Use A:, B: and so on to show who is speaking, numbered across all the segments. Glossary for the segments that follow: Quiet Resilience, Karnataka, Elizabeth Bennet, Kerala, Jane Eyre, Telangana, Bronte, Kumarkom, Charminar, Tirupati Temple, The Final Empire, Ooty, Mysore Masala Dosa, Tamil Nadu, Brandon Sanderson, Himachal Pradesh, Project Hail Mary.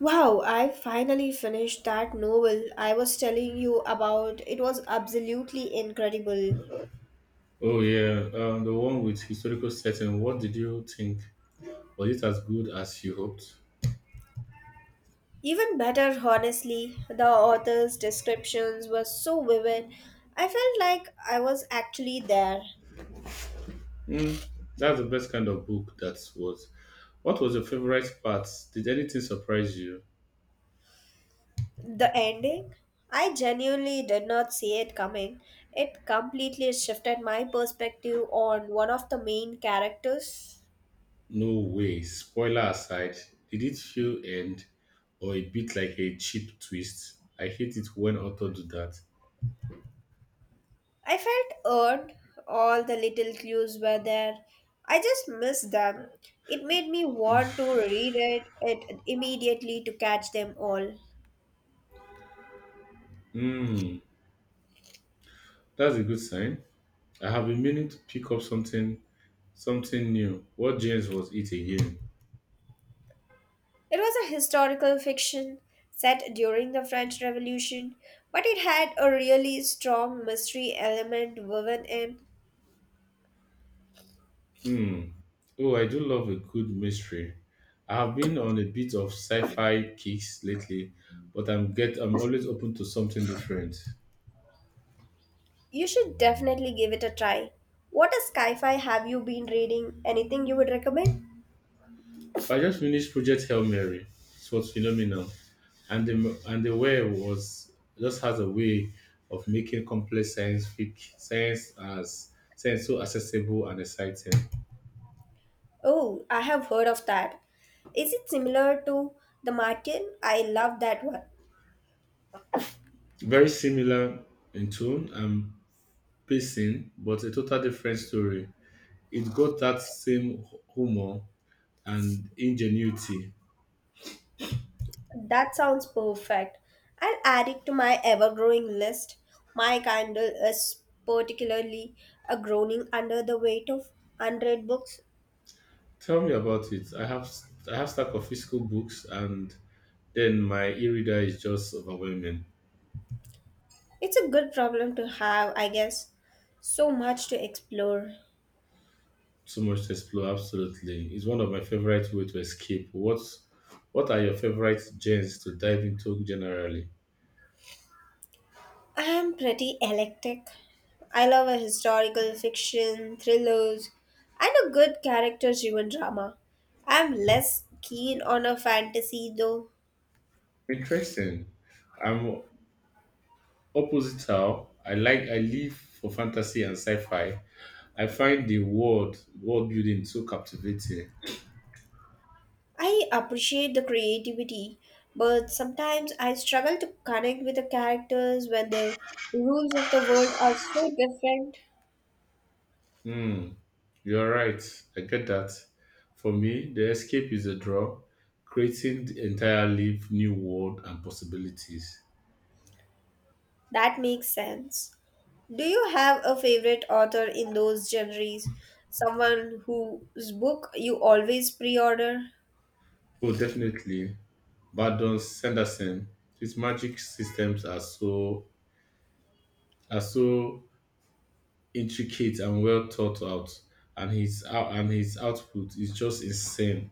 A: Wow, I finally finished that novel I was telling you about. It was absolutely incredible.
B: Oh yeah, the one with historical setting. What did you think? Was it as good as you hoped?
A: Even better, honestly, the author's descriptions were so vivid. I felt like I was actually there.
B: Hmm, that's the best kind of book. That was. What was your favorite part? Did anything surprise you?
A: The ending? I genuinely did not see it coming. It completely shifted my perspective on one of the main characters.
B: No way. Spoiler aside, did it feel end or a bit like a cheap twist? I hate it when authors do that.
A: I felt earned. All the little clues were there. I just missed them. It made me want to read it, it immediately to catch them all.
B: Hmm, that's a good sign. I have been meaning to pick up something new. What James was it again?
A: It was a historical fiction set during the French Revolution, but it had a really strong mystery element woven in.
B: Hmm. Oh, I do love a good mystery. I have been on a bit of sci-fi kicks lately, but I'm always open to something different.
A: You should definitely give it a try. What a sci fi have you been reading? Anything you would recommend?
B: I just finished Project Hail Mary. It was phenomenal, and the way was just has a way of making complex science fic science as science so accessible and exciting.
A: Oh, I have heard of that. Is it similar to the Martin? I love that one.
B: Very similar in tone and pacing, but a total different story. It got that same humor and ingenuity.
A: That sounds perfect. I'll add it to my ever growing list. My candle is particularly a groaning under the weight of unread books.
B: Tell me about it. I have stack of physical books, and then my e-reader is just overwhelming.
A: It's a good problem to have, I guess. So much to explore.
B: Too much to explore. Absolutely, it's one of my favorite way to escape. What are your favorite genres to dive into generally?
A: I'm pretty eclectic. I love a historical fiction, thrillers, and a good character driven drama. I'm less keen on a fantasy though.
B: Interesting. I'm opposite how I like I live for fantasy and sci-fi. I find the world building so captivating.
A: I appreciate the creativity, but sometimes I struggle to connect with the characters when the rules of the world are so different.
B: Hmm, you're right. I get that. For me, the escape is a draw, creating the entirely new world and possibilities.
A: That makes sense. Do you have a favorite author in those genres? Someone whose book you always pre order?
B: Oh, definitely. Badon Sanderson, his magic systems are so intricate and well thought out, and his output is just insane.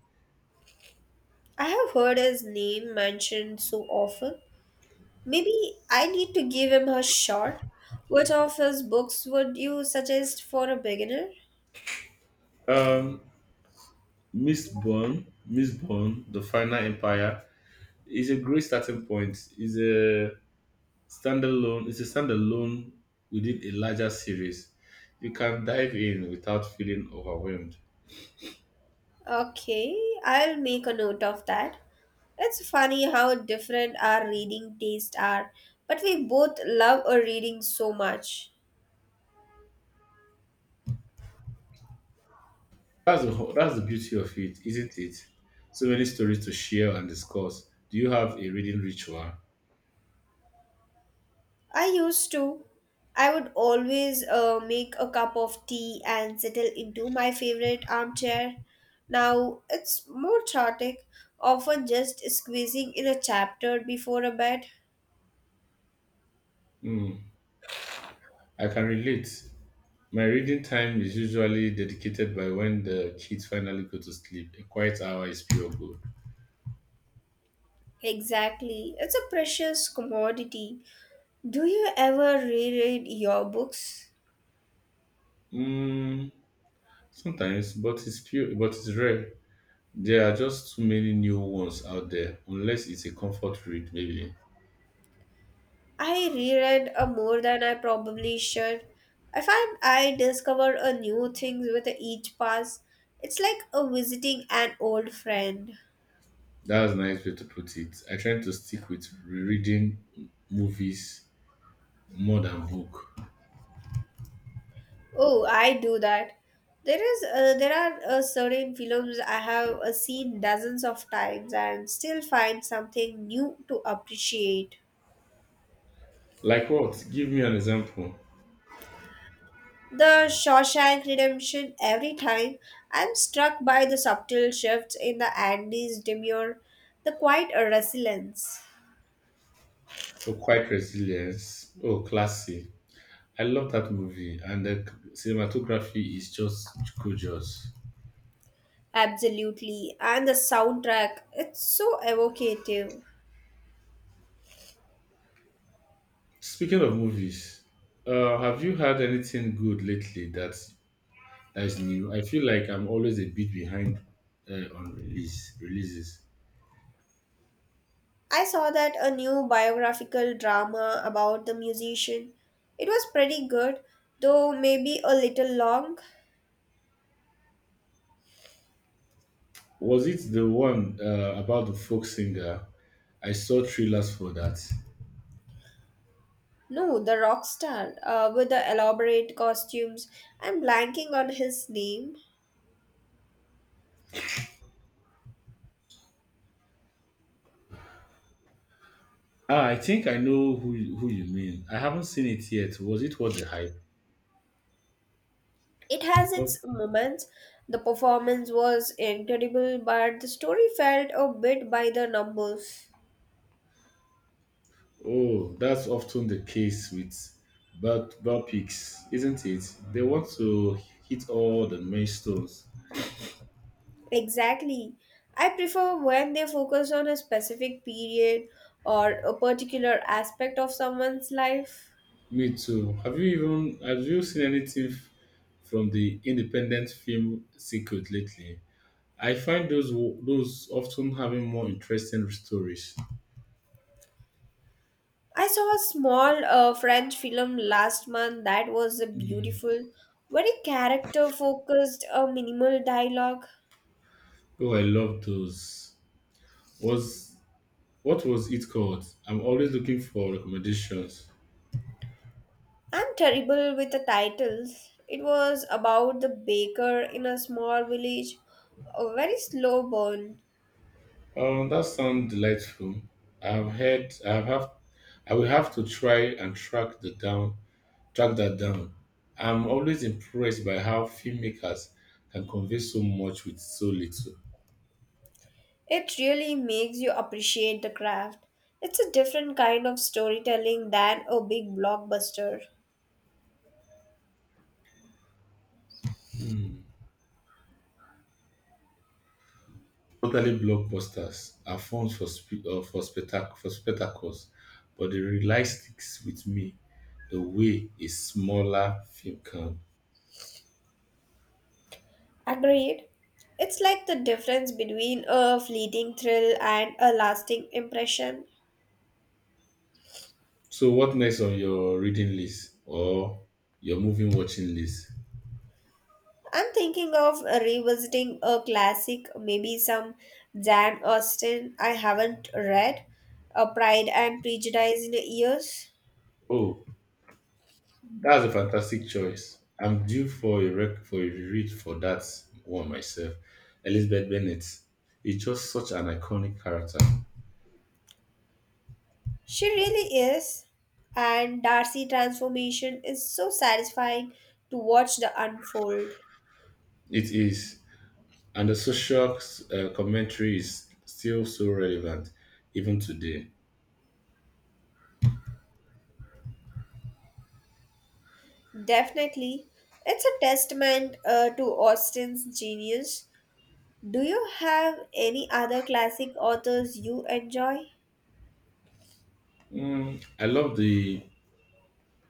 A: I have heard his name mentioned so often. Maybe I need to give him a shot. What of his books would you suggest for a beginner?
B: Um, Miss Bond, The Final Empire is a great starting point. Is a standalone within a larger series. You can dive in without feeling overwhelmed.
A: Okay, I'll make a note of that. It's funny how different our reading tastes are, but we both love our reading so much.
B: That's the beauty of it, isn't it? So many stories to share and discuss. Do you have a reading ritual?
A: I used to. I would always make a cup of tea and settle into my favorite armchair. Now it's more chaotic, often just squeezing in a chapter before a bed.
B: Hmm, I can relate. My reading time is usually dedicated by when the kids finally go to sleep. A quiet hour is pure gold.
A: Exactly, it's a precious commodity. Do you ever reread your books?
B: Mm, sometimes, but but it's rare. There are just too many new ones out there, unless it's a comfort read, maybe.
A: I reread more than I probably should. I find I discover a new things with each pass. It's like a visiting an old friend.
B: That's a nice way to put it. I try to stick with reading movies more than book.
A: Oh, I do that. There are certain films I have seen dozens of times and still find something new to appreciate.
B: Like what? Give me an example.
A: The Shawshank Redemption. Every time, I'm struck by the subtle shifts in the Andy's demure, the quiet resilience.
B: Oh, Quiet Resilience. Oh, classy. I love that movie, and the cinematography is just gorgeous.
A: Absolutely, and the soundtrack. It's so evocative.
B: Speaking of movies, have you had anything good lately that is new? I feel like I'm always a bit behind on releases.
A: I saw that a new biographical drama about the musician. It was pretty good, though maybe a little long.
B: Was it the one about the folk singer? I saw trailers for that.
A: No, the rock star with the elaborate costumes. I'm blanking on his name.
B: Ah, I think I know who you mean. I haven't seen it yet. Was it worth the hype?
A: It has
B: Oh,
A: its moments. The performance was incredible, but the story felt a bit by the numbers.
B: oh, that's often the case with bad biopics, isn't it? They want to hit all the milestones.
A: Exactly. I prefer when they focus on a specific period or a particular aspect of someone's life.
B: Me too. Have you seen anything from the independent film circuit lately? I find those often having more interesting stories.
A: I saw a small French film last month that was a beautiful, very character focused, minimal dialogue.
B: Oh, I love those. Was what was it called? I'm always looking for recommendations.
A: I'm terrible with the titles. It was about the baker in a small village, a very slow burn.
B: That sounds delightful. I've heard. I have. Have- I will have to try and track the down. Track that down. I'm always impressed by how filmmakers can convey so much with so little.
A: It really makes you appreciate the craft. It's a different kind of storytelling than a big blockbuster.
B: Hmm. Totally blockbusters are forms for for spectacles, but the rely sticks with me the way a smaller film can.
A: Agreed. It's like the difference between a fleeting thrill and a lasting impression.
B: So what next on your reading list or your movie watching list?
A: I'm thinking of revisiting a classic, maybe some Jane Austen I haven't read, *A Pride and Prejudice in years.
B: Oh, that's a fantastic choice. I'm due for a read for that one myself. Elizabeth Bennet is just such an iconic character.
A: She really is, and Darcy transformation is so satisfying to watch the unfold.
B: It is, and the social commentary is still so relevant even today.
A: Definitely, it's a testament to Austen's genius. Do you have any other classic authors you enjoy?
B: Mm, I love the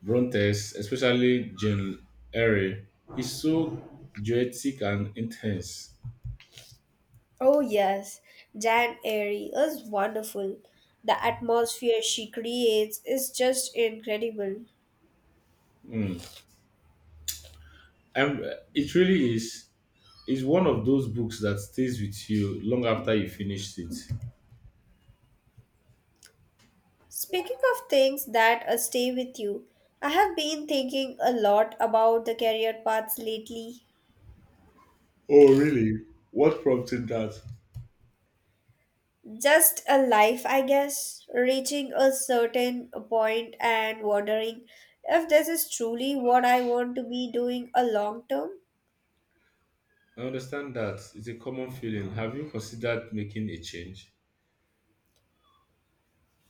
B: Brontes, especially Jane Eyre. It's so poetic and intense.
A: Oh, yes, Jan Airy is wonderful. The atmosphere she creates is just incredible.
B: Mm. And it really is one of those books that stays with you long after you finished it.
A: Speaking of things that stay with you, I have been thinking a lot about the career paths lately.
B: Oh, really? What prompted that?
A: Just a life, I guess, reaching a certain point and wondering if this is truly what I want to be doing a long term.
B: I understand that it's a common feeling. Have you considered making a change?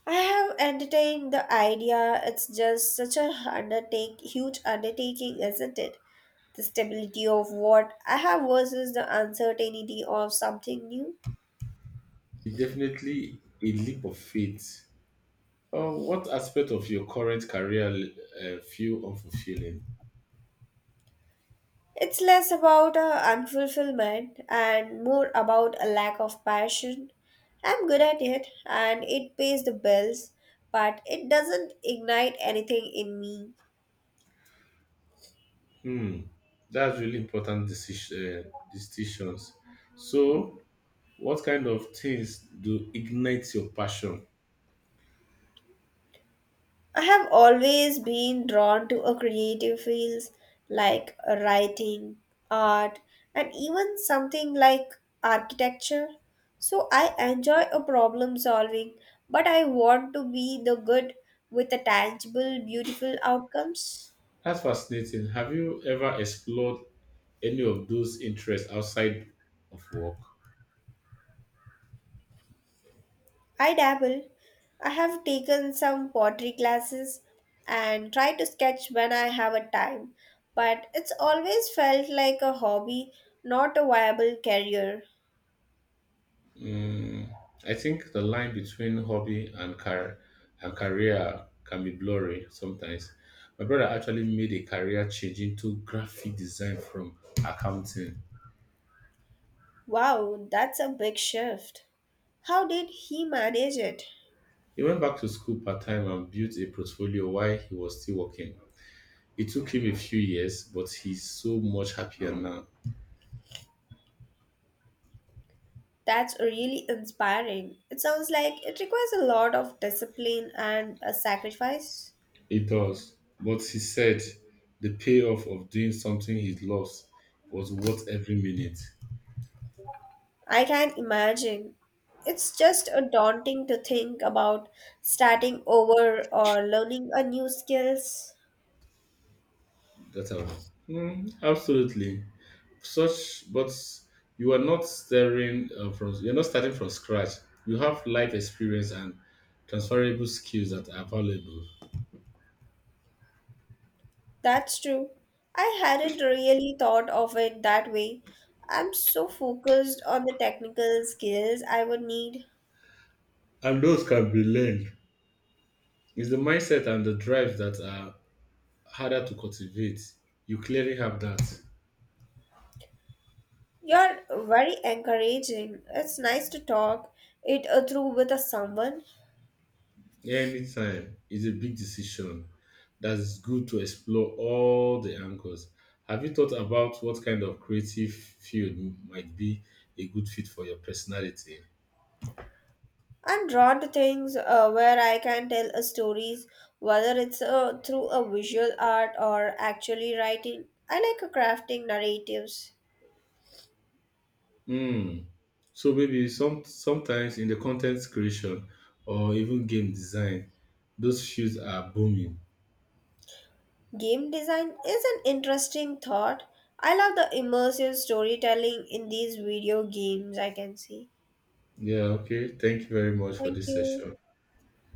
A: I have entertained the idea. It's just such a huge undertaking, isn't it? The stability of what I have versus the uncertainty of something new.
B: It's definitely a leap of faith. What aspect of your current career feel unfulfilling?
A: It's less about a unfulfillment and more about a lack of passion. I'm good at it and it pays the bills, but it doesn't ignite anything in me.
B: Hmm, that's really important decisions. So, what kind of things do ignite your passion?
A: I have always been drawn to a creative fields like writing, art, and even something like architecture. So I enjoy a problem solving, but I want to be the good with the tangible, beautiful outcomes.
B: That's fascinating. Have you ever explored any of those interests outside of work?
A: I dabble. I have taken some pottery classes and try to sketch when I have a time, but it's always felt like a hobby, not a viable career.
B: Mm, I think the line between hobby and career can be blurry sometimes. My brother actually made a career change into graphic design from accounting.
A: Wow, that's a big shift. How did he manage it?
B: He went back to school part time and built a portfolio while he was still working. It took him a few years, but he's so much happier now.
A: That's really inspiring. It sounds like it requires a lot of discipline and a sacrifice.
B: It does. But he said the payoff of doing something he loves was worth every minute.
A: I can imagine. It's just a daunting to think about starting over or learning a new skills.
B: That's all. Hmm, absolutely. Such, but you are not starting from. You're not starting from scratch. You have life experience and transferable skills that are valuable,
A: That's true. I hadn't really thought of it that way. I'm so focused on the technical skills I would need.
B: and those can be learned. It's the mindset and the drive that are harder to cultivate. You clearly have that.
A: You're very encouraging. It's nice to talk it through with a someone.
B: Anytime is a big decision that is good to explore all the angles. Have you thought about what kind of creative field might be a good fit for your personality?
A: I'm drawn to things where I can tell stories, whether it's through a visual art or actually writing. I like crafting narratives.
B: Hmm. So maybe sometimes in the content creation or even game design, those fields are booming.
A: Game design is an interesting thought. I love the immersive storytelling in these video games, I can see.
B: Yeah, okay. Thank you very much for
A: Thank
B: this
A: you.
B: session.